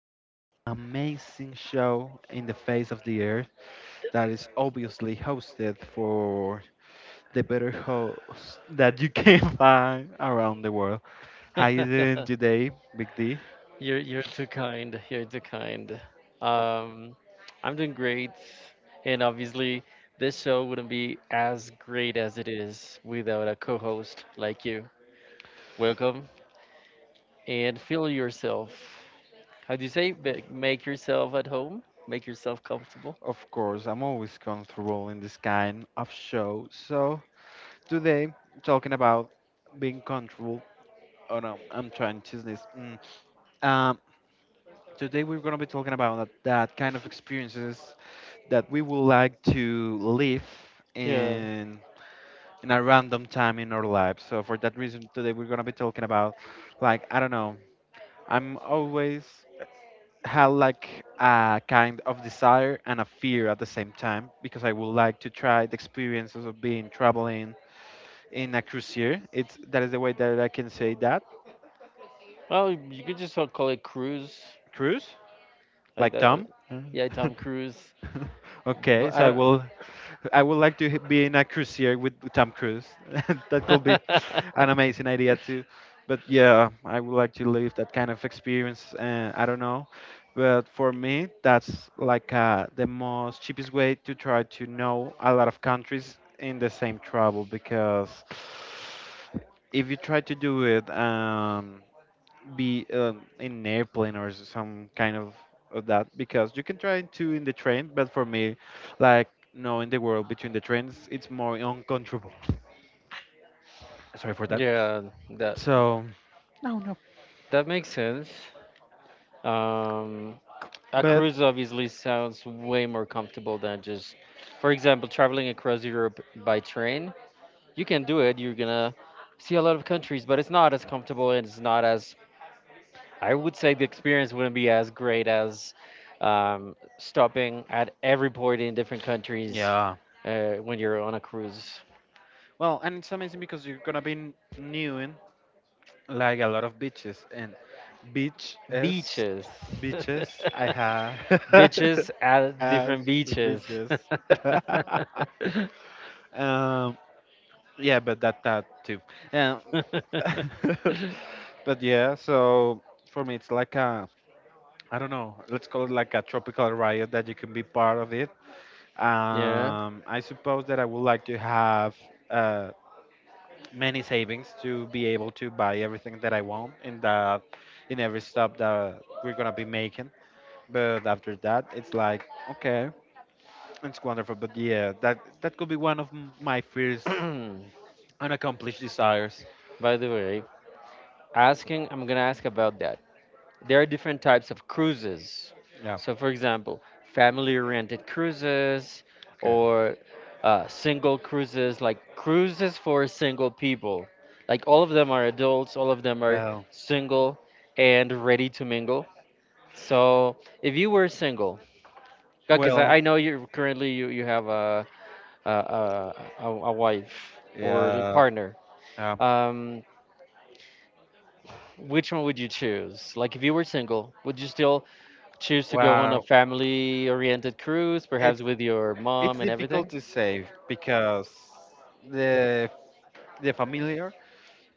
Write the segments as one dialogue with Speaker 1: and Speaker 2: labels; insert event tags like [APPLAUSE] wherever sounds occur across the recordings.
Speaker 1: the most amazing show in the face of the earth that is obviously hosted for the better host that you can [LAUGHS] find around the world. How you doing
Speaker 2: [LAUGHS]
Speaker 1: today, Big D?
Speaker 2: you're too kind. You're too kind. Um, I'm doing great, and obviously this show wouldn't be as great as it is without a co-host like you. Welcome and feel yourself. How do you say? Make yourself at home. Make yourself comfortable.
Speaker 1: Of course, I'm always comfortable in this kind of show. So today, talking about being comfortable. Oh no, I'm trying to sneeze. Mm. Um, Today we're going to be talking about that kind of experiences that we would like to live
Speaker 2: Yeah.
Speaker 1: in in a random time in our lives. So for that reason, today we're going to be talking about, like, I don't know. I'm always had like a kind of desire and a fear at the same time because I would like to try the experiences of being traveling in a cruiser. It's that is the way that I can say that
Speaker 2: Well, you could just call it cruise.
Speaker 1: cruise
Speaker 2: Like
Speaker 1: like
Speaker 2: that.
Speaker 1: Tom. [LAUGHS]
Speaker 2: Yeah, Tom Cruise.
Speaker 1: [LAUGHS] Okay,
Speaker 2: But I
Speaker 1: so
Speaker 2: don't.
Speaker 1: I would like to be in a cruiser with Tom Cruise. [LAUGHS] That could be an amazing idea too. But yeah, I would like to live that kind of experience. I don't know, but for me, that's like the most cheapest way to try to know a lot of countries in the same travel because if you try to do it. Be in an airplane or some kind of that because you can try to in the train, but for me, like, knowing the world between the trains, it's more uncontrollable. Sorry for
Speaker 2: [LAUGHS]
Speaker 1: that.
Speaker 2: yeah, that.
Speaker 1: So no, no,
Speaker 2: That makes sense. Um, a
Speaker 1: but
Speaker 2: cruise obviously sounds way more comfortable than just, for example, traveling across Europe by train. You can do it. You're gonna see a lot of countries, but it's not as comfortable and it's not as, I would say the experience wouldn't be as great as stopping at every port in different countries
Speaker 1: yeah.
Speaker 2: when you're on a cruise.
Speaker 1: Well, and it's amazing because you're gonna be new in like a lot of beaches and beach is
Speaker 2: Beaches. [LAUGHS]
Speaker 1: beaches. I have [LAUGHS]
Speaker 2: Bitches at
Speaker 1: As
Speaker 2: different beaches.
Speaker 1: beaches. [LAUGHS]
Speaker 2: [LAUGHS]
Speaker 1: um
Speaker 2: [LAUGHS]
Speaker 1: yeah, but that too. um,
Speaker 2: [CLEARS THROAT]
Speaker 1: [LAUGHS] But yeah, so for me, it's like a, I don't know, let's call it like a tropical riot that you can be part of it.
Speaker 2: yeah.
Speaker 1: I suppose that I would like to have uh, many savings to be able to buy everything that I want in in every stop that we're gonna be making. But after that, it's like, okay, it's wonderful. But yeah, that could be one of my fears,
Speaker 2: like
Speaker 1: unaccomplished desires.
Speaker 2: By the way, I'm gonna ask about that. There are different types of cruises.
Speaker 1: Yeah.
Speaker 2: So, for example, family-oriented cruises
Speaker 1: Okay.
Speaker 2: or single cruises, like cruises for single people. Like all of them are adults, all of them are
Speaker 1: Well,
Speaker 2: single and ready to mingle. So if you were single, because I,
Speaker 1: well,
Speaker 2: I know you currently you have a a, a a wife or a
Speaker 1: yeah,
Speaker 2: partner.
Speaker 1: yeah.
Speaker 2: Um, which one would you choose? Like if you were single, would you still choose to go on a
Speaker 1: Well,
Speaker 2: family-oriented cruise, perhaps
Speaker 1: it's
Speaker 2: with your
Speaker 1: it's
Speaker 2: mom and
Speaker 1: difficult
Speaker 2: everything?
Speaker 1: to say because the the familiar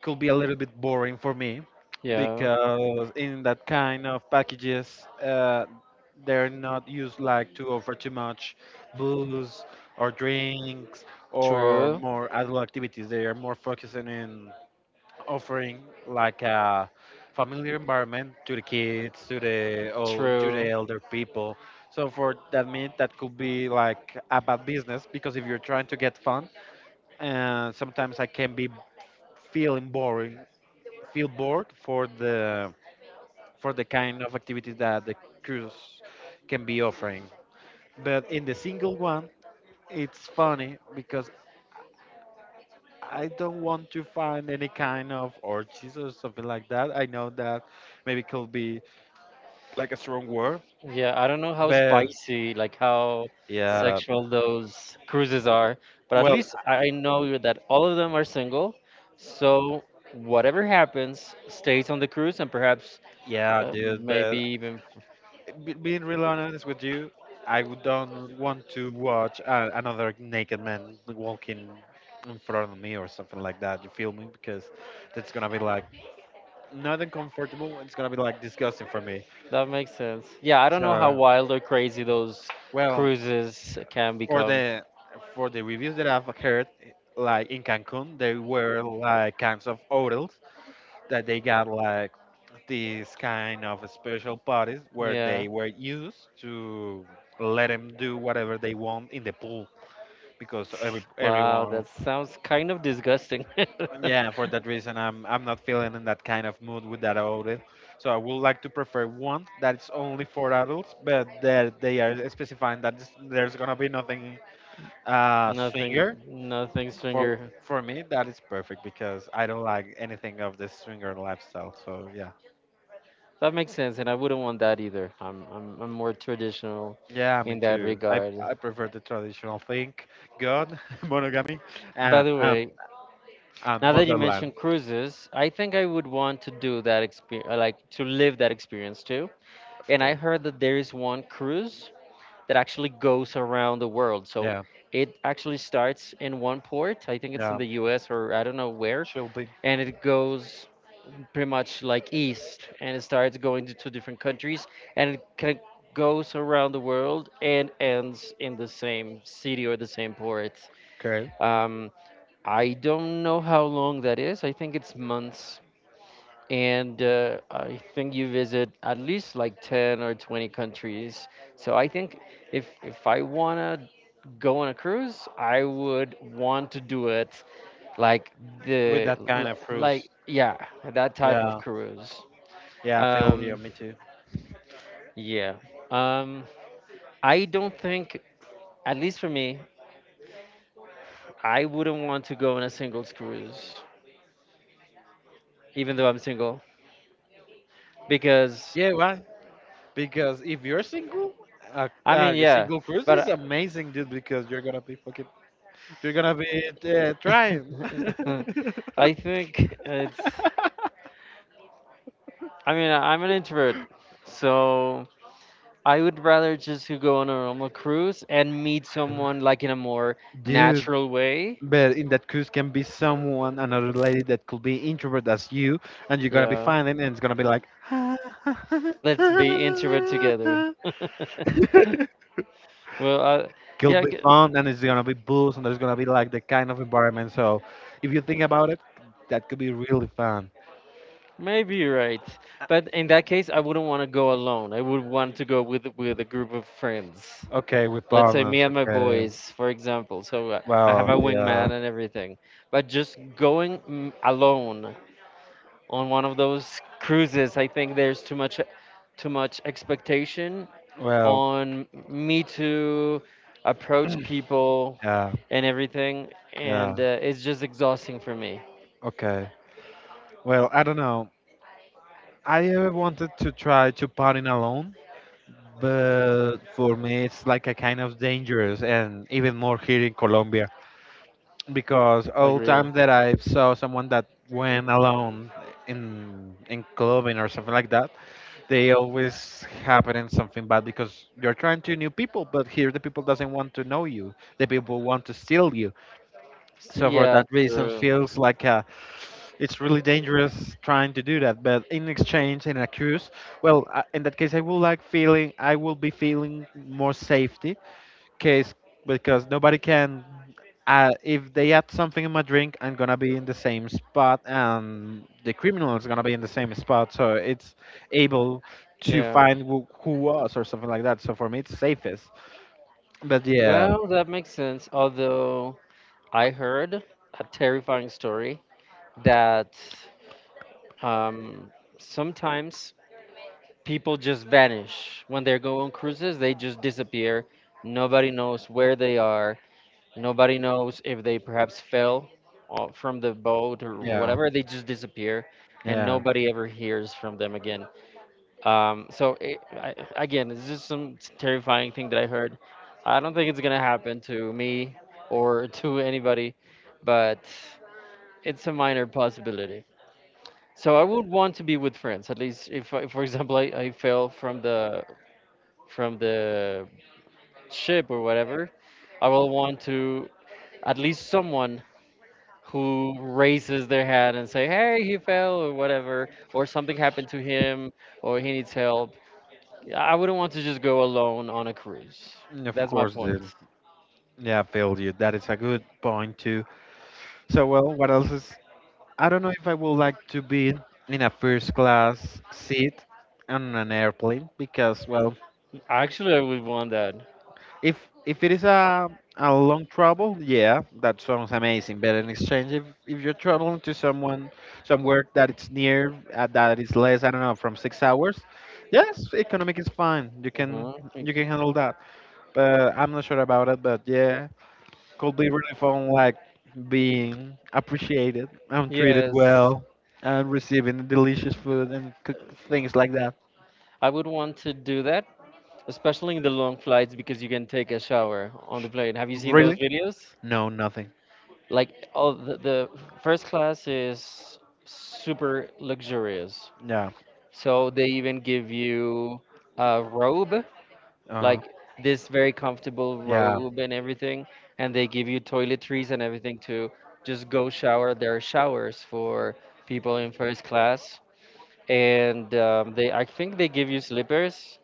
Speaker 1: could be a little bit boring for me
Speaker 2: Yeah.
Speaker 1: because in that kind of packages they're not used like to offer too much booze or drinks or
Speaker 2: True.
Speaker 1: more adult activities. They are more focusing in offering like a familiar environment to the kids, to the old, to the
Speaker 2: True.
Speaker 1: elder people. So for that mean that could be like a bad business because if you're trying to get fun, and sometimes I can be feeling boring, feel bored for the kind of activities that the cruise can be offering. But in the single one, it's funny because I don't want to find any kind of orgies or something like that. I know that maybe could be like a strong word,
Speaker 2: Yeah, I don't know how
Speaker 1: but
Speaker 2: spicy, like how
Speaker 1: yeah,
Speaker 2: sexual those cruises are, but at
Speaker 1: well,
Speaker 2: least I know that all of them are single. So whatever happens stays on the cruise and perhaps
Speaker 1: yeah, dude,
Speaker 2: maybe
Speaker 1: but
Speaker 2: even
Speaker 1: being real honest with you, I would don't want to watch another naked man walking in front of me or something like that. You feel me? Because that's gonna be like not uncomfortable. It's gonna be like disgusting for me.
Speaker 2: that makes sense. Yeah, I don't know how
Speaker 1: So,
Speaker 2: wild or crazy those
Speaker 1: well,
Speaker 2: cruises can
Speaker 1: for
Speaker 2: become.
Speaker 1: the for the reviews that I've heard, like in Cancun, there were like kinds of odors that they got like these kind of special parties where
Speaker 2: Yeah.
Speaker 1: they were used to let them do whatever they want in the pool because
Speaker 2: Wow,
Speaker 1: everyone.
Speaker 2: that sounds kind of disgusting. [LAUGHS]
Speaker 1: Yeah, for that reason, I'm not feeling in that kind of mood with that audit. So I would like to prefer one that's only for adults but that they are specifying that there's gonna be nothing
Speaker 2: Nothing,
Speaker 1: swinger.
Speaker 2: nothing's
Speaker 1: For
Speaker 2: finger.
Speaker 1: me, that is perfect because I don't like anything of this swinger lifestyle. So yeah.
Speaker 2: That makes sense, and I wouldn't want that either. I'm more traditional
Speaker 1: Yeah, me
Speaker 2: in that
Speaker 1: too.
Speaker 2: regard.
Speaker 1: I prefer the traditional thing, God, [LAUGHS] monogamy,
Speaker 2: By
Speaker 1: and
Speaker 2: the
Speaker 1: um,
Speaker 2: way,
Speaker 1: and
Speaker 2: now that you
Speaker 1: motherland,
Speaker 2: mentioned cruises, I think I would want to do that experience, like to live that experience too.
Speaker 1: of
Speaker 2: And
Speaker 1: course.
Speaker 2: I heard that there is one cruise that actually goes around the world. So
Speaker 1: Yeah,
Speaker 2: it actually starts in one port. I think it's in
Speaker 1: yeah,
Speaker 2: the US or I don't know where,
Speaker 1: she'll be
Speaker 2: and it goes pretty much like east and it starts going to two different countries and it kind of goes around the world and ends in the same city or the same port.
Speaker 1: okay
Speaker 2: Um, I don't know how long that is. I think it's months, and I think you visit at least like 10 or 20 countries. So I think if I wanna go on a cruise, I would want to do it like
Speaker 1: with
Speaker 2: the
Speaker 1: that kind
Speaker 2: l-
Speaker 1: of fruits.
Speaker 2: like yeah, that type of
Speaker 1: Yeah,
Speaker 2: cruise.
Speaker 1: yeah, I feel you.
Speaker 2: Um
Speaker 1: Me too.
Speaker 2: yeah. Um I don't think at least for me, I wouldn't want to go on a singles cruise even though I'm single because
Speaker 1: Yeah, why? Because if you're single,
Speaker 2: I mean
Speaker 1: a
Speaker 2: yeah,
Speaker 1: single cruise is
Speaker 2: but
Speaker 1: amazing, dude. Because you're gonna be fucking, you're
Speaker 2: [LAUGHS]
Speaker 1: gonna be trying.
Speaker 2: I think it's. I mean, I'm an introvert, so I would rather just to go on a normal cruise and meet
Speaker 1: [LAUGHS]
Speaker 2: someone like in a more
Speaker 1: Dude.
Speaker 2: natural way.
Speaker 1: But in that cruise can be someone, another lady that could be introvert as you, and you're gonna be
Speaker 2: Yeah,
Speaker 1: finding, and it's gonna be like, [LAUGHS]
Speaker 2: like, let's be introvert together. [LAUGHS] well, I,
Speaker 1: could
Speaker 2: yeah,
Speaker 1: be
Speaker 2: g-
Speaker 1: fun, and it's gonna be booze, and there's gonna be like the kind of environment. So, if you think about it, that could be really fun.
Speaker 2: Maybe you're right. But in that case, I wouldn't want to go alone. I would want to go with a group of friends.
Speaker 1: Okay, with
Speaker 2: Let's say
Speaker 1: partners.
Speaker 2: me and my
Speaker 1: Okay.
Speaker 2: boys, for example. So I have
Speaker 1: Well,
Speaker 2: a
Speaker 1: yeah.
Speaker 2: wingman and everything. But just going alone on one of those cruises, I think there's too much expectation
Speaker 1: Well,
Speaker 2: on me to approach people
Speaker 1: yeah,
Speaker 2: and everything
Speaker 1: yeah.
Speaker 2: and it's just exhausting for me.
Speaker 1: Okay. Well, I don't know. I ever wanted to try to party alone, but for me it's like a kind of dangerous, and even more here in Colombia, because all
Speaker 2: Agree.
Speaker 1: time that I saw someone that went alone in clubbing or something like that, they always happen in something bad because you're trying to new people, but here the people doesn't want to know you, the people want to steal you.
Speaker 2: S
Speaker 1: So for
Speaker 2: yeah,
Speaker 1: that reason
Speaker 2: true.
Speaker 1: feels like a, it's really dangerous trying to do that. But in exchange, in a cruise, well, in that case, I will like feeling, I will be feeling more safety, case because nobody can. If they add something in my drink, I'm gonna be in the same spot, and the criminal is gonna be in the same spot. So it's able to
Speaker 2: Yeah.
Speaker 1: find who was or something like that. So for me, it's safest. But yeah,
Speaker 2: Well, that makes sense. Although I heard a terrifying story that um, sometimes people just vanish when they go on cruises. They just disappear. Nobody knows where they are. Nobody knows if they perhaps fell from the boat or
Speaker 1: yeah,
Speaker 2: whatever. They just disappear, and
Speaker 1: yeah.
Speaker 2: nobody ever hears from them again. Again, it's just some terrifying thing that I heard. I don't think it's gonna happen to me or to anybody, but it's a minor possibility. So I would want to be with friends, at least if, I- for example, I fell from the from the ship or whatever, I will want to at least someone who raises their hand and say, "Hey, he fell," or whatever, or something happened to him, or he needs help. Yeah, I wouldn't want to just go alone on a cruise.
Speaker 1: Mm, of
Speaker 2: That's my
Speaker 1: course,
Speaker 2: point.
Speaker 1: dude. Yeah, I feel you. That is a good point too. So, well, what else is. I don't know if I would like to be in a first class seat on an airplane because, well,
Speaker 2: Actually, I would want that.
Speaker 1: if it is a long travel, yeah, that sounds amazing. But in exchange, if you're traveling to someone somewhere that it's near, that is less, I don't know, from 6 hours, yes, economic is fine. You can
Speaker 2: Hmm
Speaker 1: handle that. But I'm not sure about it. But yeah, could be really fun, like being appreciated and treated
Speaker 2: Yes,
Speaker 1: well and receiving delicious food and cook things like that.
Speaker 2: I would want to do that, especially in the long flights because you can take a shower on the plane. Have you seen those
Speaker 1: Really?
Speaker 2: videos?
Speaker 1: No, nothing.
Speaker 2: Like, all the first class is super luxurious.
Speaker 1: Yeah.
Speaker 2: So they even give you a robe
Speaker 1: Uh,
Speaker 2: like this very comfortable
Speaker 1: yeah.
Speaker 2: robe and everything, and they give you toiletries and everything to just go shower. There are showers for people in first class, and they I think they give you slippers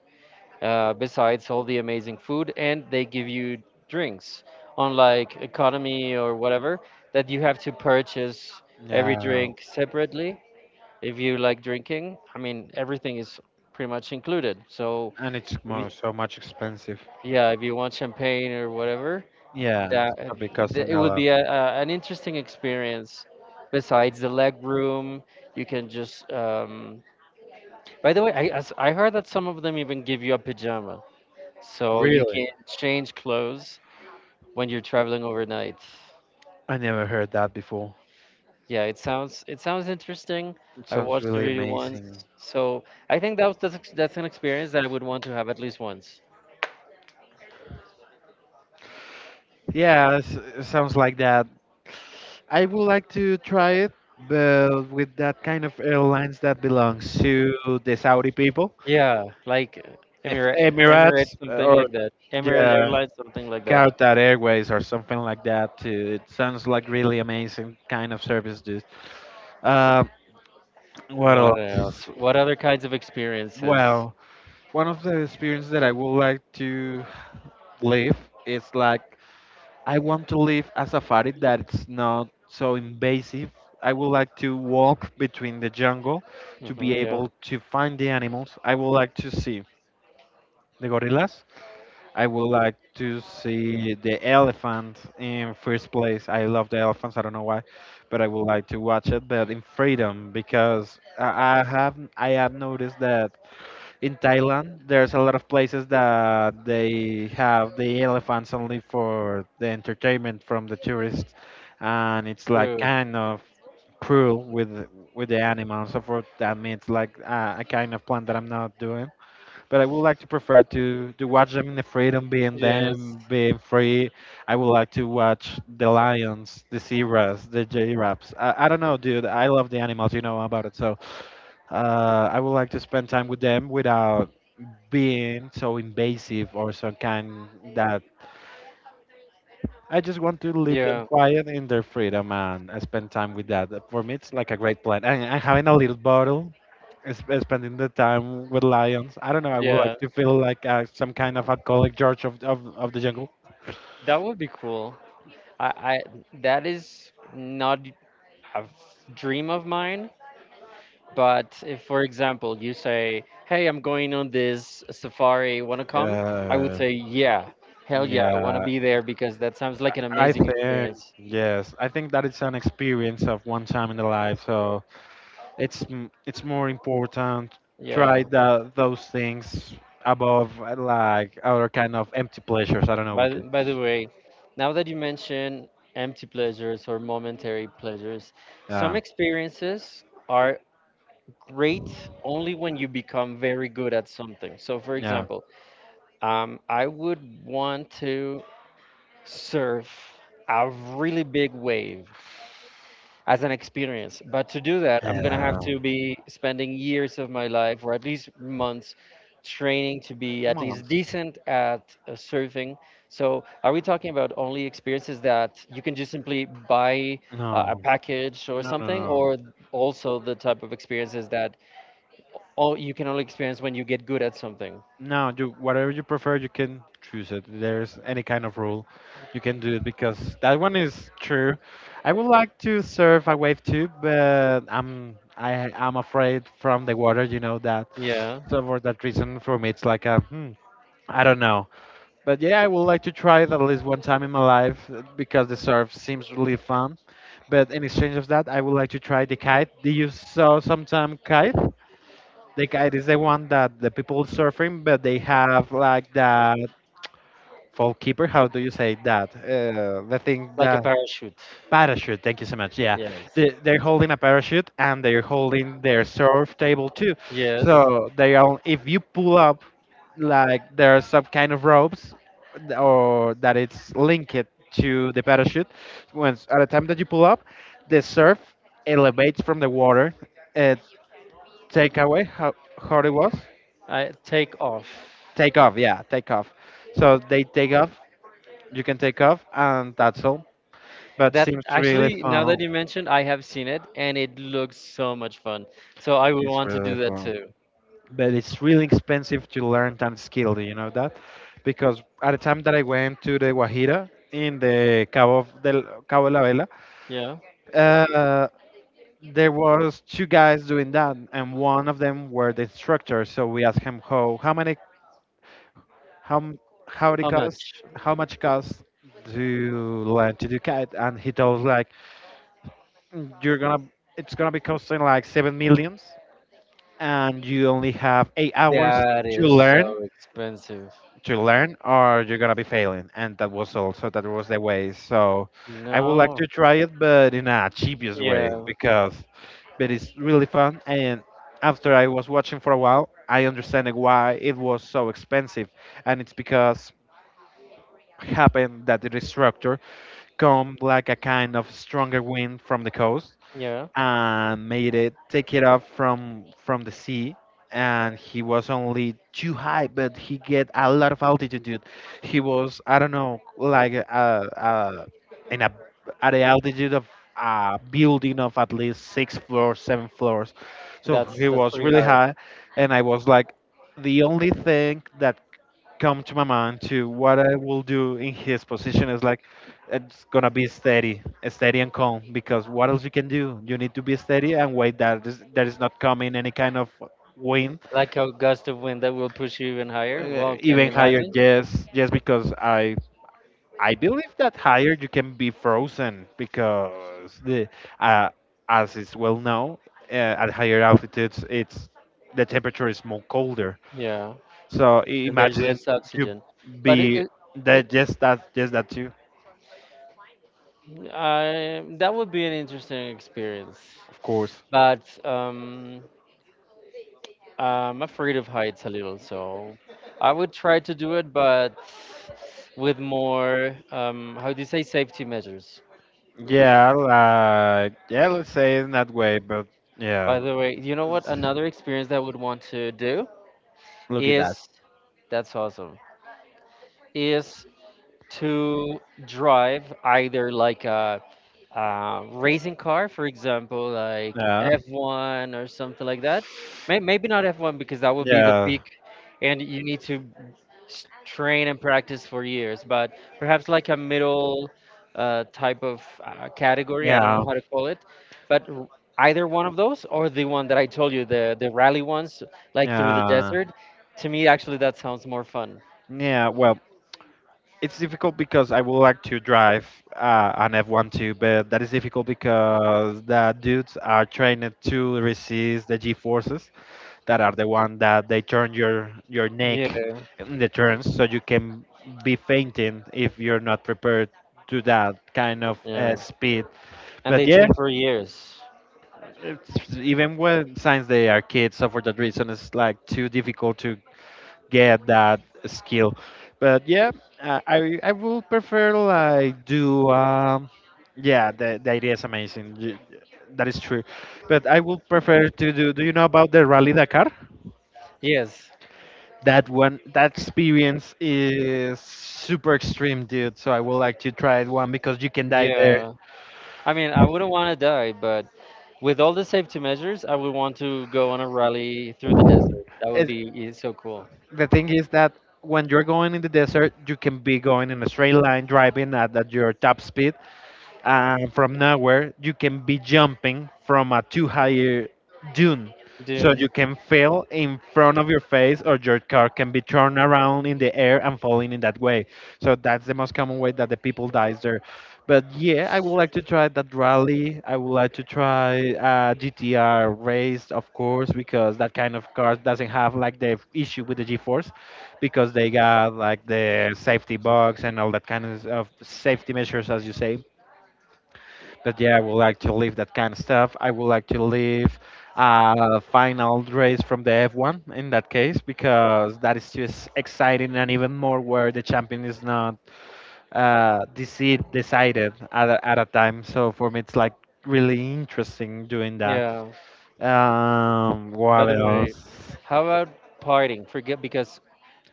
Speaker 2: besides all the amazing food, and they give you drinks unlike economy or whatever that you have to purchase every
Speaker 1: Yeah.
Speaker 2: drink separately if you like drinking. I mean, everything is pretty much included. So
Speaker 1: And it's
Speaker 2: if you,
Speaker 1: more, so much expensive.
Speaker 2: yeah, if you want champagne or whatever,
Speaker 1: Yeah, it's
Speaker 2: that
Speaker 1: gonna be costing
Speaker 2: it
Speaker 1: a
Speaker 2: would
Speaker 1: lot.
Speaker 2: be an interesting experience. Besides the leg room, you can just. By the way, I heard that some of them even give you a pajama, so you
Speaker 1: Really?
Speaker 2: can change clothes when you're traveling overnight.
Speaker 1: I never heard that before.
Speaker 2: Yeah, it sounds interesting.
Speaker 1: It
Speaker 2: I
Speaker 1: sounds
Speaker 2: watched the
Speaker 1: really
Speaker 2: video once,
Speaker 1: amazing.
Speaker 2: so I think that's an experience that I would want to have at least once.
Speaker 1: Yeah, it sounds like that. I would like to try it, but with that kind of airlines that belongs to the Saudi people,
Speaker 2: Yeah, like
Speaker 1: if Emirates
Speaker 2: Emirates, something
Speaker 1: or
Speaker 2: like that. Emirates
Speaker 1: yeah,
Speaker 2: Airlines, something like that.
Speaker 1: Qatar Airways or something like that. Too. It sounds like really amazing kind of service, dude. Uh, what
Speaker 2: What
Speaker 1: else?
Speaker 2: else? What other kinds of experiences?
Speaker 1: Well, one of the experiences that I would like to live is like I want to live a safari that's not so invasive. I would like to walk between the jungle to be
Speaker 2: Hmm yeah,
Speaker 1: able to find the animals. I would like to see the gorillas. I would like to see the elephant in first place. I love the elephants. I don't know why, but I would like to watch it, but in freedom because I have noticed that in Thailand, there's a lot of places that they have the elephants only for the entertainment from the tourists, and it's like
Speaker 2: true.
Speaker 1: kind of cruel with the animals. So for that means like a kind of plan that I'm not doing. But I would like to prefer to watch them in the freedom, being
Speaker 2: Yes.
Speaker 1: them, being free. I would like to watch the lions, the zebras, the giraffes. I don't know, dude. I love the animals. You know about it, so. I would like to spend time with them without being so invasive or some kind that I just want to leave them
Speaker 2: Yeah,
Speaker 1: quiet in their freedom and I spend time with that. For me, it's like a great plan. And having a little bottle, is spending the time with lions. I don't know. I would
Speaker 2: yeah,
Speaker 1: like to feel like some kind of alcoholic George of the jungle.
Speaker 2: that would be cool. I that is not a dream of mine. But if, for example, you say, "Hey, I'm going on this safari. Wanna come?" I would
Speaker 1: Uh,
Speaker 2: say, "Yeah, hell yeah, I wanna
Speaker 1: yeah,
Speaker 2: be there because that sounds like an
Speaker 1: I
Speaker 2: amazing
Speaker 1: think
Speaker 2: experience."
Speaker 1: yes. I think that it's an experience of one time in the life. So it's more important. Try
Speaker 2: Yeah.
Speaker 1: that those things above like other kind of empty pleasures. I don't know what you.
Speaker 2: By the way, now that you mention empty pleasures or momentary pleasures, some
Speaker 1: Yeah,
Speaker 2: experiences are great only when you become very good at something. So, for
Speaker 1: yeah.
Speaker 2: example, I would want to surf a really big wave as an experience. But to do that, I'm gonna have to be spending years of my life, or at least months, training to be at least
Speaker 1: Month.
Speaker 2: decent at surfing. So, are we talking about only experiences that you can just simply buy a
Speaker 1: No,
Speaker 2: package or
Speaker 1: no, no,
Speaker 2: something,
Speaker 1: no.
Speaker 2: or also the type of experiences that oh, you can only experience when you get good at something?
Speaker 1: No, you whatever you prefer, you can choose it. There's any kind of rule, you can do it because that one is true. I would like to surf a wave too, but I'm afraid from the water. You know that,
Speaker 2: Yeah,
Speaker 1: so for that reason, for me, it's like a, hmm, I don't know. But yeah, I would like to try it at least one time in my life because the surf seems really fun. But in exchange of that, I would like to try the kite. Do you saw sometime kite? The guide is the one that the people surfing, but they have like that folk keeper. How do you say that? The thing
Speaker 2: like a
Speaker 1: that
Speaker 2: parachute.
Speaker 1: parachute. Thank you so much. Yeah,
Speaker 2: Yes.
Speaker 1: they're holding a parachute and they're holding their surf table too.
Speaker 2: Yes.
Speaker 1: So they all, if you pull up, like there are some kind of ropes, or that it's linked to the parachute. Once at the time that you pull up, the surf elevates from the water. Uh, take away how hard it was
Speaker 2: I take off.
Speaker 1: take off, yeah, take off, so they take off, you can take off, and that's all, but
Speaker 2: That
Speaker 1: seems really
Speaker 2: actually, now that
Speaker 1: fun.
Speaker 2: you mentioned, I have seen it and it looks so much fun. So I would
Speaker 1: It's
Speaker 2: want to
Speaker 1: really
Speaker 2: do that
Speaker 1: fun,
Speaker 2: too.
Speaker 1: but it's really expensive to learn that skill, do you know that? Because at the time that I went to the Guajira in the Cabo of del Cabo de la Vela,
Speaker 2: Yeah.
Speaker 1: uh, there was two guys doing that, and one of them were the instructor, so we asked him how m- how it
Speaker 2: How
Speaker 1: costs,
Speaker 2: much?
Speaker 1: how much costs to learn to do kite, and he told us like, you're gonna, it's gonna be costing like 7 millions, and you only have 8 hours
Speaker 2: That
Speaker 1: to
Speaker 2: is so
Speaker 1: learn,
Speaker 2: expensive.
Speaker 1: to learn, or you're gonna be failing, and that was also that was the way. So I would like
Speaker 2: No.
Speaker 1: to try it, but in a cheapest way,
Speaker 2: Yeah.
Speaker 1: because but it's really fun. And after I was watching for a while, I understand why it was so expensive, and it's because happened that the destructor come like a kind of stronger wind from the coast
Speaker 2: Yeah.
Speaker 1: and made it take it off from the sea, and he was only too high but he get a lot of altitude, dude. He was, I don't know, like in a, at the altitude of a building of at least six floors, seven floors, so
Speaker 2: That's
Speaker 1: he was
Speaker 2: pretty
Speaker 1: really
Speaker 2: hard.
Speaker 1: high. And I was like, the only thing that come to my mind to what I will do in his position is like, it's gonna be steady, steady and calm, because what else you can do? You need to be steady and wait that is not coming any kind of wind,
Speaker 2: Like a gust of wind that will push you even higher. Well, can
Speaker 1: even
Speaker 2: you
Speaker 1: higher.
Speaker 2: imagine?
Speaker 1: Yes, yes, because I believe that higher you can be frozen, because the uh, as is well known, uh, at higher altitudes it's, the temperature is more colder.
Speaker 2: Yeah.
Speaker 1: So
Speaker 2: And there's
Speaker 1: imagine
Speaker 2: less
Speaker 1: you
Speaker 2: oxygen. But it,
Speaker 1: be
Speaker 2: it
Speaker 1: that just that too.
Speaker 2: I that would be an interesting experience.
Speaker 1: Of course.
Speaker 2: But I'm afraid of heights a little, so I would try to do it, but with more, how do you say, safety measures.
Speaker 1: Yeah, like, yeah, let's say it in that way, but yeah,
Speaker 2: By the way, you know what? Another experience that I would want to do
Speaker 1: Look at that.
Speaker 2: is that's awesome. Is to drive either like a racing car, for example, like
Speaker 1: Yeah,
Speaker 2: F1 or something like that. Maybe not F1 because that would be the
Speaker 1: yeah,
Speaker 2: peak, and you need to train and practice for years. But perhaps like a middle type of category, I don't
Speaker 1: yeah,
Speaker 2: know how to call it, but r- either one of those or the one that I told you, the rally ones, like through the
Speaker 1: yeah,
Speaker 2: desert. To me, actually, that sounds more fun.
Speaker 1: yeah. Well, it's difficult because I would like to drive an F1 too, but that is difficult because the dudes are trained to resist the G forces. That are the one that they turn your neck
Speaker 2: Yeah,
Speaker 1: in the turns so you can be fainting if you're not prepared to that kind of
Speaker 2: yeah.
Speaker 1: speed.
Speaker 2: And
Speaker 1: But
Speaker 2: they
Speaker 1: yeah,
Speaker 2: train for years.
Speaker 1: it's, even when, since they are kids, so for that reason it's like too difficult to get that skill. But yeah, I will prefer like do yeah, the idea is amazing. You- that is true, but I would prefer to do, do you know about the rally Dakar?
Speaker 2: Yes.
Speaker 1: That one, that experience is super extreme, dude. So I would like to try it one because you can die there.
Speaker 2: Yeah. I mean, I wouldn't want to die, but with all the safety measures, I would want to go on a rally through the desert. That would
Speaker 1: It,
Speaker 2: be so cool.
Speaker 1: the thing is that when you're going in the desert, you can be going in a straight line driving at your top speed, from nowhere you can be jumping from a too higher dune, so you
Speaker 2: Dune.
Speaker 1: can fail in front of your face or your car can be turned around in the air and falling in that way. So that's the most common way that the people dies there. But yeah, I would like to try that rally, I would like to try GTR race, of course, because that kind of car doesn't have like the issue with the G-force, because they got like the safety box and all that kind of safety measures as you say. That yeah, I would like to leave that kind of stuff. I would like to leave a final race from the F1 in that case because that is just exciting, and even more where the champion is not decided at a time. So for me, it's like really interesting doing that.
Speaker 2: Yeah. By
Speaker 1: What
Speaker 2: the way,
Speaker 1: else?
Speaker 2: how about partying? Forget because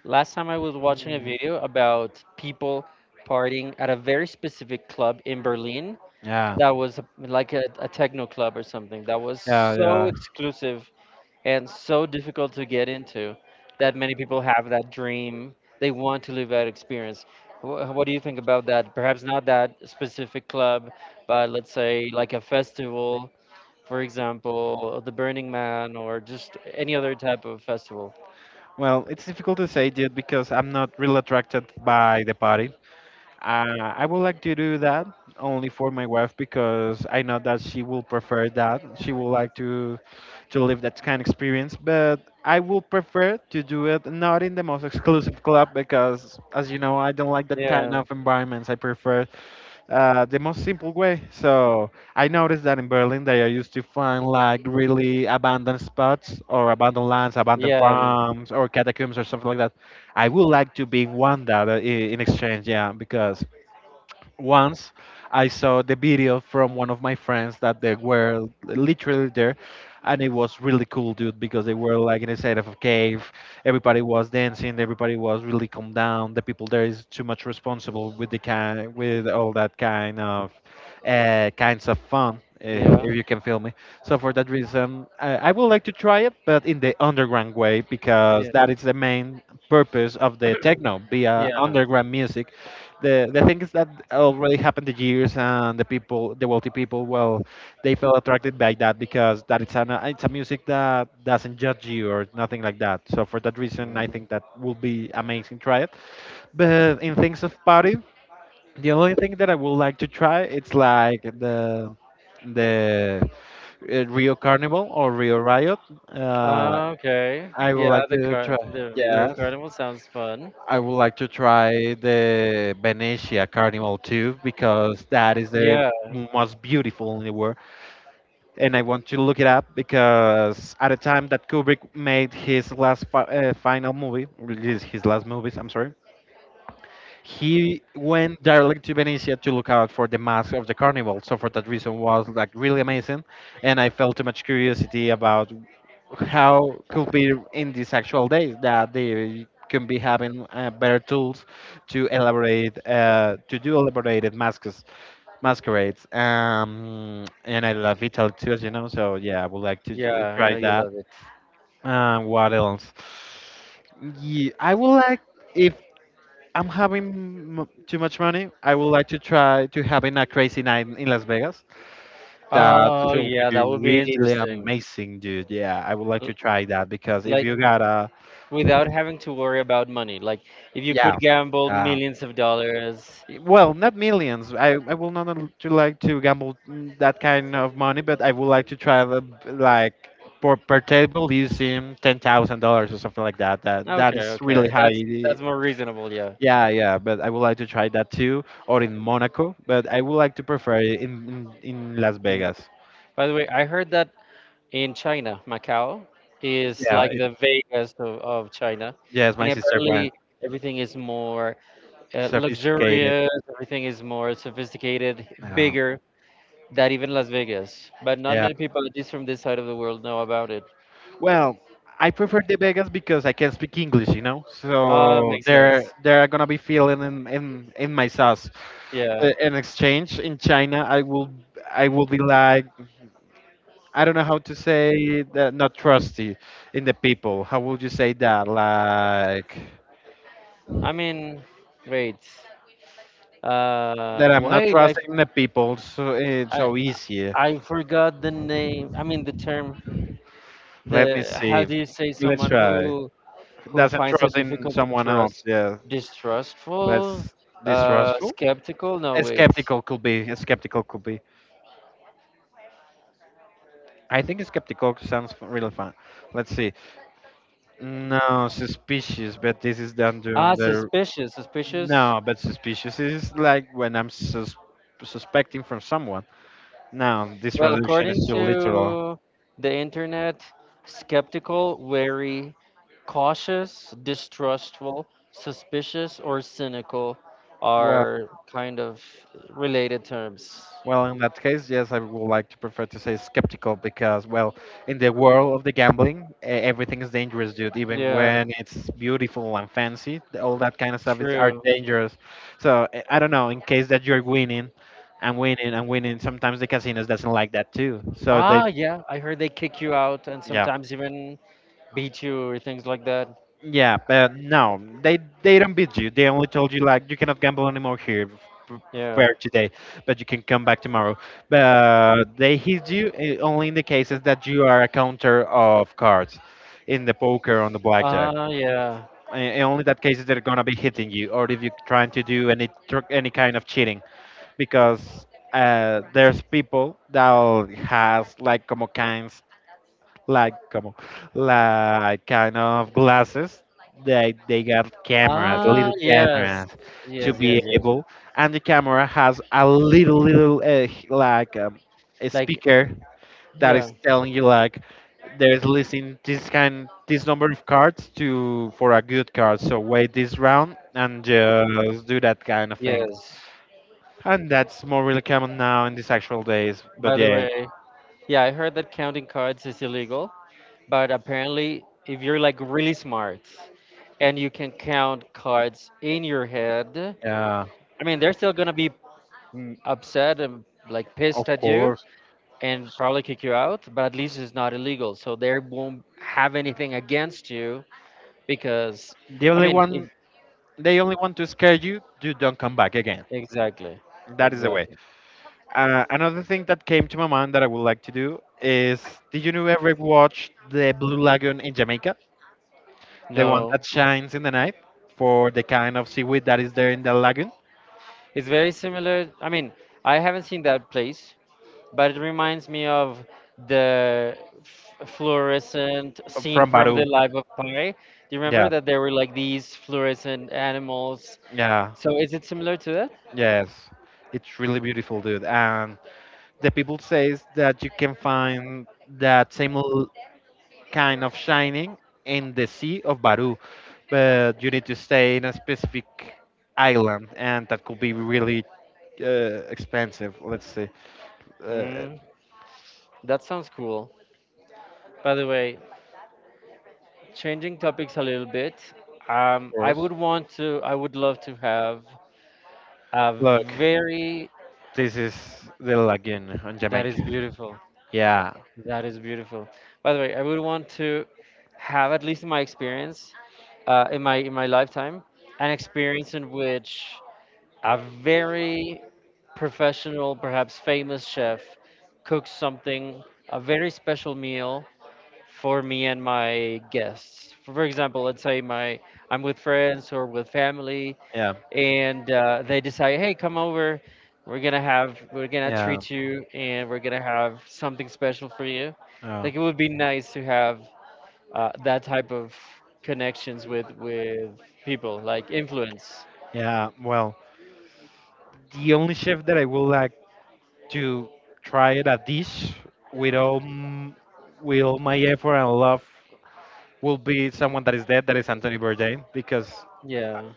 Speaker 2: last time I was watching a
Speaker 1: Mm,
Speaker 2: video about people partying at a very specific club in Berlin.
Speaker 1: yeah.
Speaker 2: That was like a techno club or something. That was
Speaker 1: Yeah,
Speaker 2: so
Speaker 1: yeah.
Speaker 2: exclusive and so difficult to get into that many people have that dream. They want to live that experience. What do you think about that? Perhaps not that specific club, but let's say like a festival, for example, or the Burning Man or just any other type of festival.
Speaker 1: Well, it's difficult to say, dude, because I'm not really attracted by the party. I would like to do that only for my wife because I know that she will prefer that. She would like to live that kind of experience, but I will prefer to do it not in the most exclusive club because, as you know, I don't like that kind
Speaker 2: Yeah,
Speaker 1: of environments. I prefer the most simple way. So I noticed that in Berlin they are used to find like really abandoned spots or abandoned lands, abandoned
Speaker 2: yeah,
Speaker 1: farms, or catacombs or something like that. I would like to be in one that in exchange, yeah, because once I saw the video from one of my friends that they were literally there, and it was really cool, dude, because they were like inside of a cave. Everybody was dancing. Everybody was really calm down. The people there is too much responsible with the kind, with all that kind of kinds of fun.
Speaker 2: yeah,
Speaker 1: If you can feel me. So for that reason, I would like to try it, but in the underground way because
Speaker 2: yeah,
Speaker 1: that is the main purpose of the techno, be
Speaker 2: yeah.
Speaker 1: underground music. The things that already happened the years, and the people, the wealthy people, well, they felt attracted by that because that it's an, it's a music that doesn't judge you or nothing like that, so for that reason I
Speaker 2: Mhm.
Speaker 1: think that would be amazing try it. But in things of party, the only thing that I would like to try it's like the Rio Carnival or Rio Riot. uh
Speaker 2: Ah, okay.
Speaker 1: I would
Speaker 2: Yeah,
Speaker 1: like to try,
Speaker 2: the Rio
Speaker 1: yes,
Speaker 2: Carnival sounds fun.
Speaker 1: I would like to try the Venetia Carnival too, because that is the
Speaker 2: Yeah,
Speaker 1: most beautiful in the world, and I want to look it up because at the time that Kubrick made his last final movie, released his last movies, I'm sorry, he went directly to Venice to look out for the mask of the carnival. So for that reason, was like really amazing, and I felt too much curiosity about how could be in these actual days that they can be having better tools to elaborate, to do elaborated masks, masquerades. And I love Italy too, as you know. So yeah, I would like to
Speaker 2: yeah, I
Speaker 1: try
Speaker 2: know you
Speaker 1: that.
Speaker 2: love it.
Speaker 1: What else? Yeah, I would like, if I'm having too much money, I would like to try to having a crazy night in Las Vegas. That
Speaker 2: Oh,
Speaker 1: should
Speaker 2: yeah,
Speaker 1: be
Speaker 2: that would be
Speaker 1: really
Speaker 2: interesting.
Speaker 1: amazing, dude. Yeah, I would like
Speaker 2: L-
Speaker 1: to try that because if
Speaker 2: like
Speaker 1: you got a,
Speaker 2: without having to worry about money, like if you
Speaker 1: yeah,
Speaker 2: could gamble
Speaker 1: uh,
Speaker 2: millions of dollars.
Speaker 1: well, not millions. I will not to like to gamble, that kind of money, but I would like to try the, like, for per table using $10,000 or something like that. That that
Speaker 2: Okay,
Speaker 1: is really
Speaker 2: okay, that's
Speaker 1: high.
Speaker 2: that's more reasonable, yeah.
Speaker 1: Yeah, yeah, but I would like to try that too, or in Monaco, but I would like to prefer it in, in Las
Speaker 2: And
Speaker 1: Vegas.
Speaker 2: by the way, I heard that in China, Macau is
Speaker 1: Yeah,
Speaker 2: like
Speaker 1: it,
Speaker 2: the Vegas of China.
Speaker 1: yes, my
Speaker 2: And
Speaker 1: sister went.
Speaker 2: apparently everything is more
Speaker 1: Sophisticated.
Speaker 2: luxurious, everything is more sophisticated,
Speaker 1: Yeah.
Speaker 2: bigger than even Las Vegas, but not
Speaker 1: Yeah.
Speaker 2: many people at least from this side of the world know about it.
Speaker 1: Well, I prefer the Vegas because I can speak English, you know?
Speaker 2: Ah,
Speaker 1: So
Speaker 2: makes sense,
Speaker 1: they're gonna be feeling in, in my sauce.
Speaker 2: yeah.
Speaker 1: But in exchange in China, I will, be like, I don't know how to say that, not trusty in the people. How would you say that? Like
Speaker 2: i mean wait Uh,
Speaker 1: that I'm not
Speaker 2: wait, I,
Speaker 1: trusting the people so it's
Speaker 2: I,
Speaker 1: so easy.
Speaker 2: I forgot the name. I mean the term.
Speaker 1: Let me
Speaker 2: The how
Speaker 1: see.
Speaker 2: do you say
Speaker 1: Let's
Speaker 2: someone
Speaker 1: try.
Speaker 2: who
Speaker 1: Doesn't
Speaker 2: finds it
Speaker 1: trust in
Speaker 2: difficult to
Speaker 1: someone
Speaker 2: trust?
Speaker 1: else. Yeah.
Speaker 2: Distrustful,
Speaker 1: Let's distrustful.
Speaker 2: skeptical. No, wait.
Speaker 1: Skeptical could be. Skeptical could be. I think skeptical sounds really fun. Let's see. No, suspicious, but this is done during
Speaker 2: Ah,
Speaker 1: the.
Speaker 2: suspicious. Suspicious.
Speaker 1: No, but suspicious is like when I'm suspecting from someone. No, this
Speaker 2: Well,
Speaker 1: reduction
Speaker 2: according
Speaker 1: is too literal.
Speaker 2: to the internet, skeptical, wary, cautious, distrustful, suspicious, or cynical
Speaker 1: Well.
Speaker 2: are kind of related terms.
Speaker 1: Well, in that case, yes, I would like to prefer to say skeptical because, well, in the world of the gambling, everything is dangerous, dude. Even
Speaker 2: Yeah.
Speaker 1: when it's beautiful and fancy, all that kind of stuff is are
Speaker 2: True.
Speaker 1: dangerous. So I don't know. In case that you're winning and winning and winning, sometimes the casinos doesn't like that too. So they,
Speaker 2: Ah, yeah. I heard they kick you out and
Speaker 1: yeah.
Speaker 2: sometimes even beat you or things like that.
Speaker 1: Yeah, but no, they don't beat you. They only told you like you cannot gamble anymore here f- for
Speaker 2: Yeah.
Speaker 1: today, but you can come back tomorrow. But they hit you only in the cases that you are a counter of cards in the poker on the blackjack.
Speaker 2: Ah, yeah.
Speaker 1: And only that cases they're gonna be hitting you, or if you're trying to do any kind of cheating, because there's people that has like como kinds like come on, like kind of glasses. They got cameras,
Speaker 2: Ah,
Speaker 1: little
Speaker 2: yes.
Speaker 1: cameras, to
Speaker 2: Yes,
Speaker 1: be
Speaker 2: yes, yes.
Speaker 1: able, and the camera has a little a
Speaker 2: Like,
Speaker 1: speaker that is
Speaker 2: yeah.
Speaker 1: telling you like there's listing this number of cards to for a good card. So wait this round and just do that kind of thing.
Speaker 2: Yes.
Speaker 1: And that's more really common now in these actual days.
Speaker 2: By
Speaker 1: But
Speaker 2: the
Speaker 1: yeah,
Speaker 2: way, yeah, I heard that counting cards is illegal, but apparently, if you're like really smart and you can count cards in your head,
Speaker 1: uh,
Speaker 2: I mean, they're still gonna be upset and like
Speaker 1: of
Speaker 2: pissed at you,
Speaker 1: course.
Speaker 2: and probably kick you out, but at least it's not illegal. So they won't have anything against you because,
Speaker 1: The
Speaker 2: I
Speaker 1: only
Speaker 2: mean, if,
Speaker 1: one They only want to scare you. You don't come back again.
Speaker 2: exactly,
Speaker 1: That is the way.
Speaker 2: exactly.
Speaker 1: Another thing that came to my mind that I would like to do is: Did you know ever watch the Blue Lagoon in Jamaica? The one
Speaker 2: No,
Speaker 1: that shines in the night for the kind of seaweed that is there in the lagoon.
Speaker 2: it's very similar. I mean, I haven't seen that place, but it reminds me of the fluorescent scene
Speaker 1: From
Speaker 2: from
Speaker 1: Baru.
Speaker 2: The Life of Pi. Do you remember
Speaker 1: Yeah,
Speaker 2: that there were like these fluorescent animals?
Speaker 1: yeah,
Speaker 2: So is it similar to that?
Speaker 1: yes. It's really beautiful, dude. And the people says that you can find that kind of shining in the sea of Baru, but you need to stay in a specific island, and that could be really expensive. Let's see. Uh,
Speaker 2: Mm, that sounds cool. By the way, changing topics a little bit,
Speaker 1: of
Speaker 2: I
Speaker 1: course.
Speaker 2: would want to, I would love to have a
Speaker 1: Look,
Speaker 2: very—
Speaker 1: this is the lagoon on
Speaker 2: that
Speaker 1: Jamaica.
Speaker 2: is beautiful.
Speaker 1: Yeah,
Speaker 2: That is beautiful. By the way, I would want to have, at least in my experience, in my lifetime, an experience in which a very professional, perhaps famous chef cooks something, a very special meal for me and my guests. For example, let's say my I'm with friends or with family,
Speaker 1: yeah,
Speaker 2: and they decide, hey, come over. We're gonna
Speaker 1: yeah,
Speaker 2: treat you, and we're gonna have something special for you.
Speaker 1: yeah,
Speaker 2: Like it would be nice to have that type of connections with people, like influence.
Speaker 1: yeah. Well, the only chef that I would like to try it a dish with all m- with all my effort and love will be someone that is dead. That is Anthony Bourdain, because
Speaker 2: Yeah,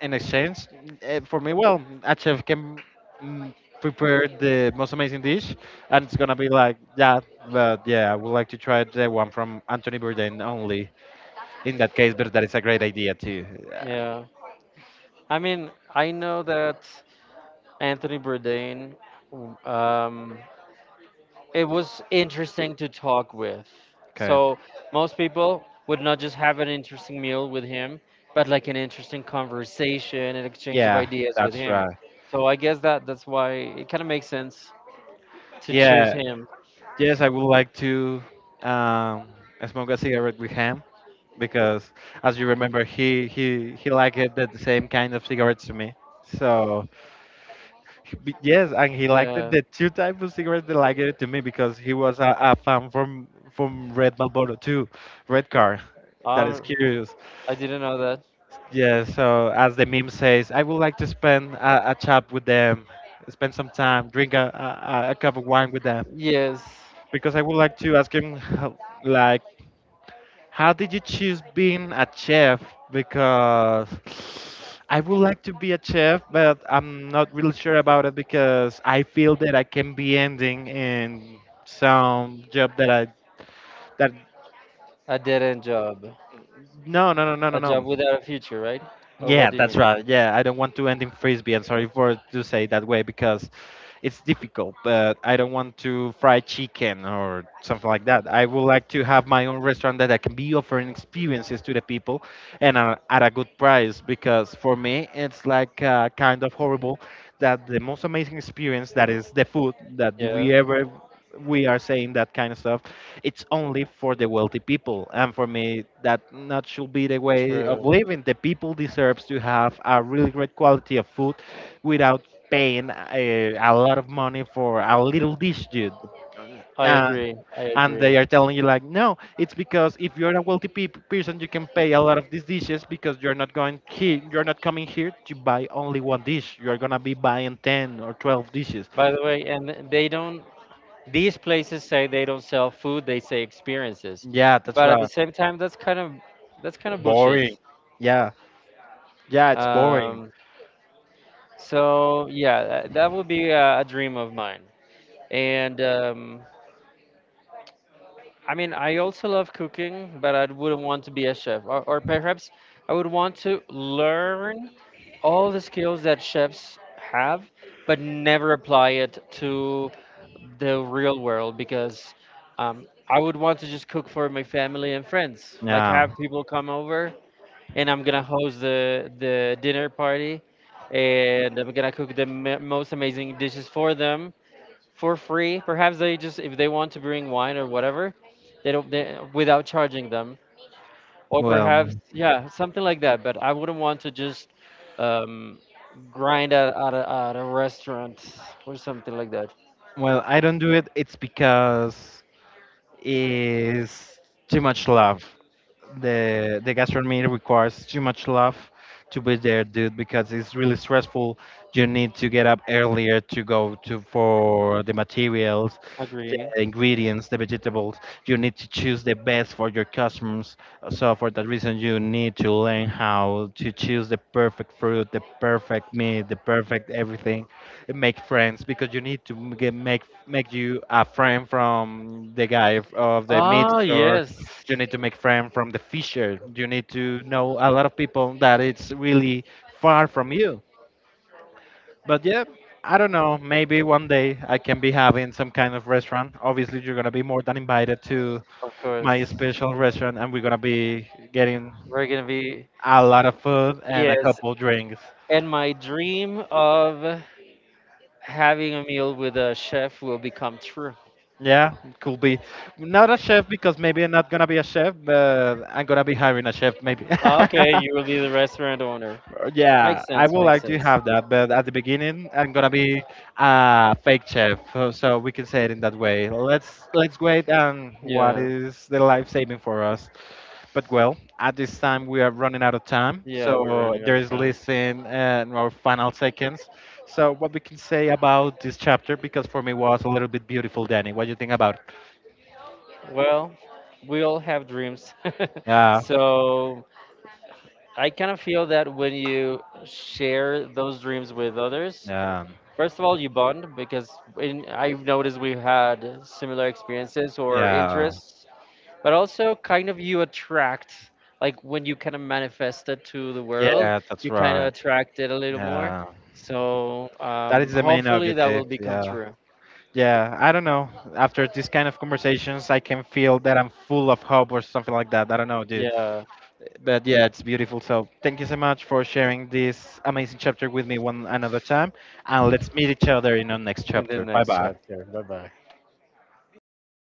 Speaker 1: in exchange, for me, well, a chef can mm, prepare the most amazing dish, and it's gonna be like, yeah, but yeah, I would like to try the one from Anthony Bourdain only in that case, but that is a great idea too. Yeah,
Speaker 2: yeah. I mean, I know that Anthony Bourdain, um, it was interesting to talk with.
Speaker 1: okay,
Speaker 2: So most people would not just have an interesting meal with him, but like an interesting conversation and exchange of
Speaker 1: yeah,
Speaker 2: ideas with
Speaker 1: that's
Speaker 2: him.
Speaker 1: right.
Speaker 2: So I guess that 's why it kind of makes sense to choose
Speaker 1: Yeah,
Speaker 2: him.
Speaker 1: yes, I would like to um, smoke a cigarette with him because, as you remember, he liked it the same kind of cigarettes to me. So Yes, and he liked it.
Speaker 2: Yeah,
Speaker 1: The two types of cigarettes they liked it to me because he was a fan from Red Marlboro too, Red Car. That is
Speaker 2: um,
Speaker 1: curious.
Speaker 2: I didn't know that.
Speaker 1: Yeah. So as the meme says, I would like to spend a chat with them, spend some time, drink a a cup of wine with them,
Speaker 2: Yes,
Speaker 1: because I would like to ask him, like how did you choose being a chef? Because I would like to be a chef, but I'm not really sure about it because I feel that I can be ending in some job that
Speaker 2: a dead end job,
Speaker 1: no no no no no
Speaker 2: a job
Speaker 1: no
Speaker 2: without a future, right? Or
Speaker 1: Yeah,
Speaker 2: what do you
Speaker 1: that's
Speaker 2: mean?
Speaker 1: right. Yeah, I don't want to end in frisbee. I'm sorry for to say it that way because it's difficult. But I don't want to fry chicken or something like that. I would like to have my own restaurant that I can be offering experiences to the people and at a good price. Because for me, it's like kind of horrible that the most amazing experience that is the food that
Speaker 2: Yeah,
Speaker 1: we ever we are saying that kind of stuff, it's only for the wealthy people, and for me that not should be the way of
Speaker 2: true.
Speaker 1: living. The people deserves to have a really great quality of food without paying a lot of money for a little dish, dude.
Speaker 2: I
Speaker 1: uh,
Speaker 2: agree. I
Speaker 1: and
Speaker 2: agree.
Speaker 1: they are telling you like no, it's because if you're a wealthy person you can pay a lot of these dishes because you're not going here, you're not coming here to buy only one dish, you're gonna be buying 10 or 12 dishes.
Speaker 2: By the way, and they don't these places say they don't sell food, they say experiences,
Speaker 1: Yeah, that's
Speaker 2: but at the
Speaker 1: right.
Speaker 2: same time that's kind of— that's kind of bullshit.
Speaker 1: Boring. Yeah, yeah, it's boring.
Speaker 2: um, so yeah, that would be a dream of mine. And I mean, I also love cooking, but I wouldn't want to be a chef. Or perhaps I would want to learn all the skills that chefs have, but never apply it to the real world because I would want to just cook for my family and friends. Like
Speaker 1: Yeah.
Speaker 2: have people come over, and I'm gonna host the dinner party, and I'm gonna cook the most amazing dishes for them, for free. Perhaps they just— if they want to bring wine or whatever, they don't they, without charging them. Or
Speaker 1: Well,
Speaker 2: perhaps yeah, something like that. But I wouldn't want to just um, grind at a restaurant or something like that.
Speaker 1: well, I don't do it. It's because it's too much love. The gastronomy requires too much love to be there, dude, because it's really stressful. You need to get up earlier to go to for the materials, the
Speaker 2: Agree.
Speaker 1: ingredients, the vegetables. You need to choose the best for your customers. So for that reason, you need to learn how to choose the perfect fruit, the perfect meat, the perfect everything. And make friends, because you need to m- get make make you a friend from the guy of the meat
Speaker 2: Ah,
Speaker 1: store.
Speaker 2: yes,
Speaker 1: You need to make friends from the fisher. You need to know a lot of people that it's really far from you. But yeah, I don't know, maybe one day I can be having some kind of restaurant. Obviously you're gonna be more than invited to
Speaker 2: of course.
Speaker 1: my special restaurant, and we're gonna be getting
Speaker 2: We're gonna be—
Speaker 1: a lot of food and a
Speaker 2: yes.
Speaker 1: couple drinks.
Speaker 2: And my dream of having a meal with a chef will become true.
Speaker 1: Yeah, it could be. Not a chef, because maybe I'm not gonna be a chef, but I'm gonna be hiring a chef maybe.
Speaker 2: Okay,
Speaker 1: [LAUGHS]
Speaker 2: you will be the restaurant owner.
Speaker 1: Yeah,
Speaker 2: Makes
Speaker 1: I
Speaker 2: sense,
Speaker 1: would
Speaker 2: makes
Speaker 1: like to
Speaker 2: sense.
Speaker 1: have that, but at the beginning, I'm gonna be a fake chef, so we can say it in that way. Let's wait and what
Speaker 2: Yeah,
Speaker 1: is the life saving for us. But well, at this time we are running out of time,
Speaker 2: yeah, we're
Speaker 1: so
Speaker 2: running out
Speaker 1: there
Speaker 2: of
Speaker 1: is
Speaker 2: time.
Speaker 1: less in our final seconds. So what we can say about this chapter, because for me was a little bit beautiful, Danny. What do you think about it?
Speaker 2: Well, we all have dreams. [LAUGHS]
Speaker 1: Yeah,
Speaker 2: So I kind of feel that when you share those dreams with others,
Speaker 1: yeah,
Speaker 2: first of all, you bond because I've noticed we've had similar experiences or
Speaker 1: yeah,
Speaker 2: interests, but also kind of you attract— like when you kind of manifest it to the world,
Speaker 1: yeah. That's
Speaker 2: you kind of
Speaker 1: right.
Speaker 2: attract it a little more.
Speaker 1: Yeah,
Speaker 2: So
Speaker 1: that is the main
Speaker 2: hopefully that
Speaker 1: objective.
Speaker 2: will become
Speaker 1: Yeah.
Speaker 2: true.
Speaker 1: Yeah, I don't know. After this kind of conversations, I can feel that I'm full of hope or something like that. I don't know, dude.
Speaker 2: Yeah,
Speaker 1: But yeah, it's beautiful. So thank you so much for sharing this amazing chapter with me one another time. And let's meet each other in our next
Speaker 2: in the
Speaker 1: chapter. Bye
Speaker 2: next
Speaker 1: bye.
Speaker 2: chapter. Bye bye.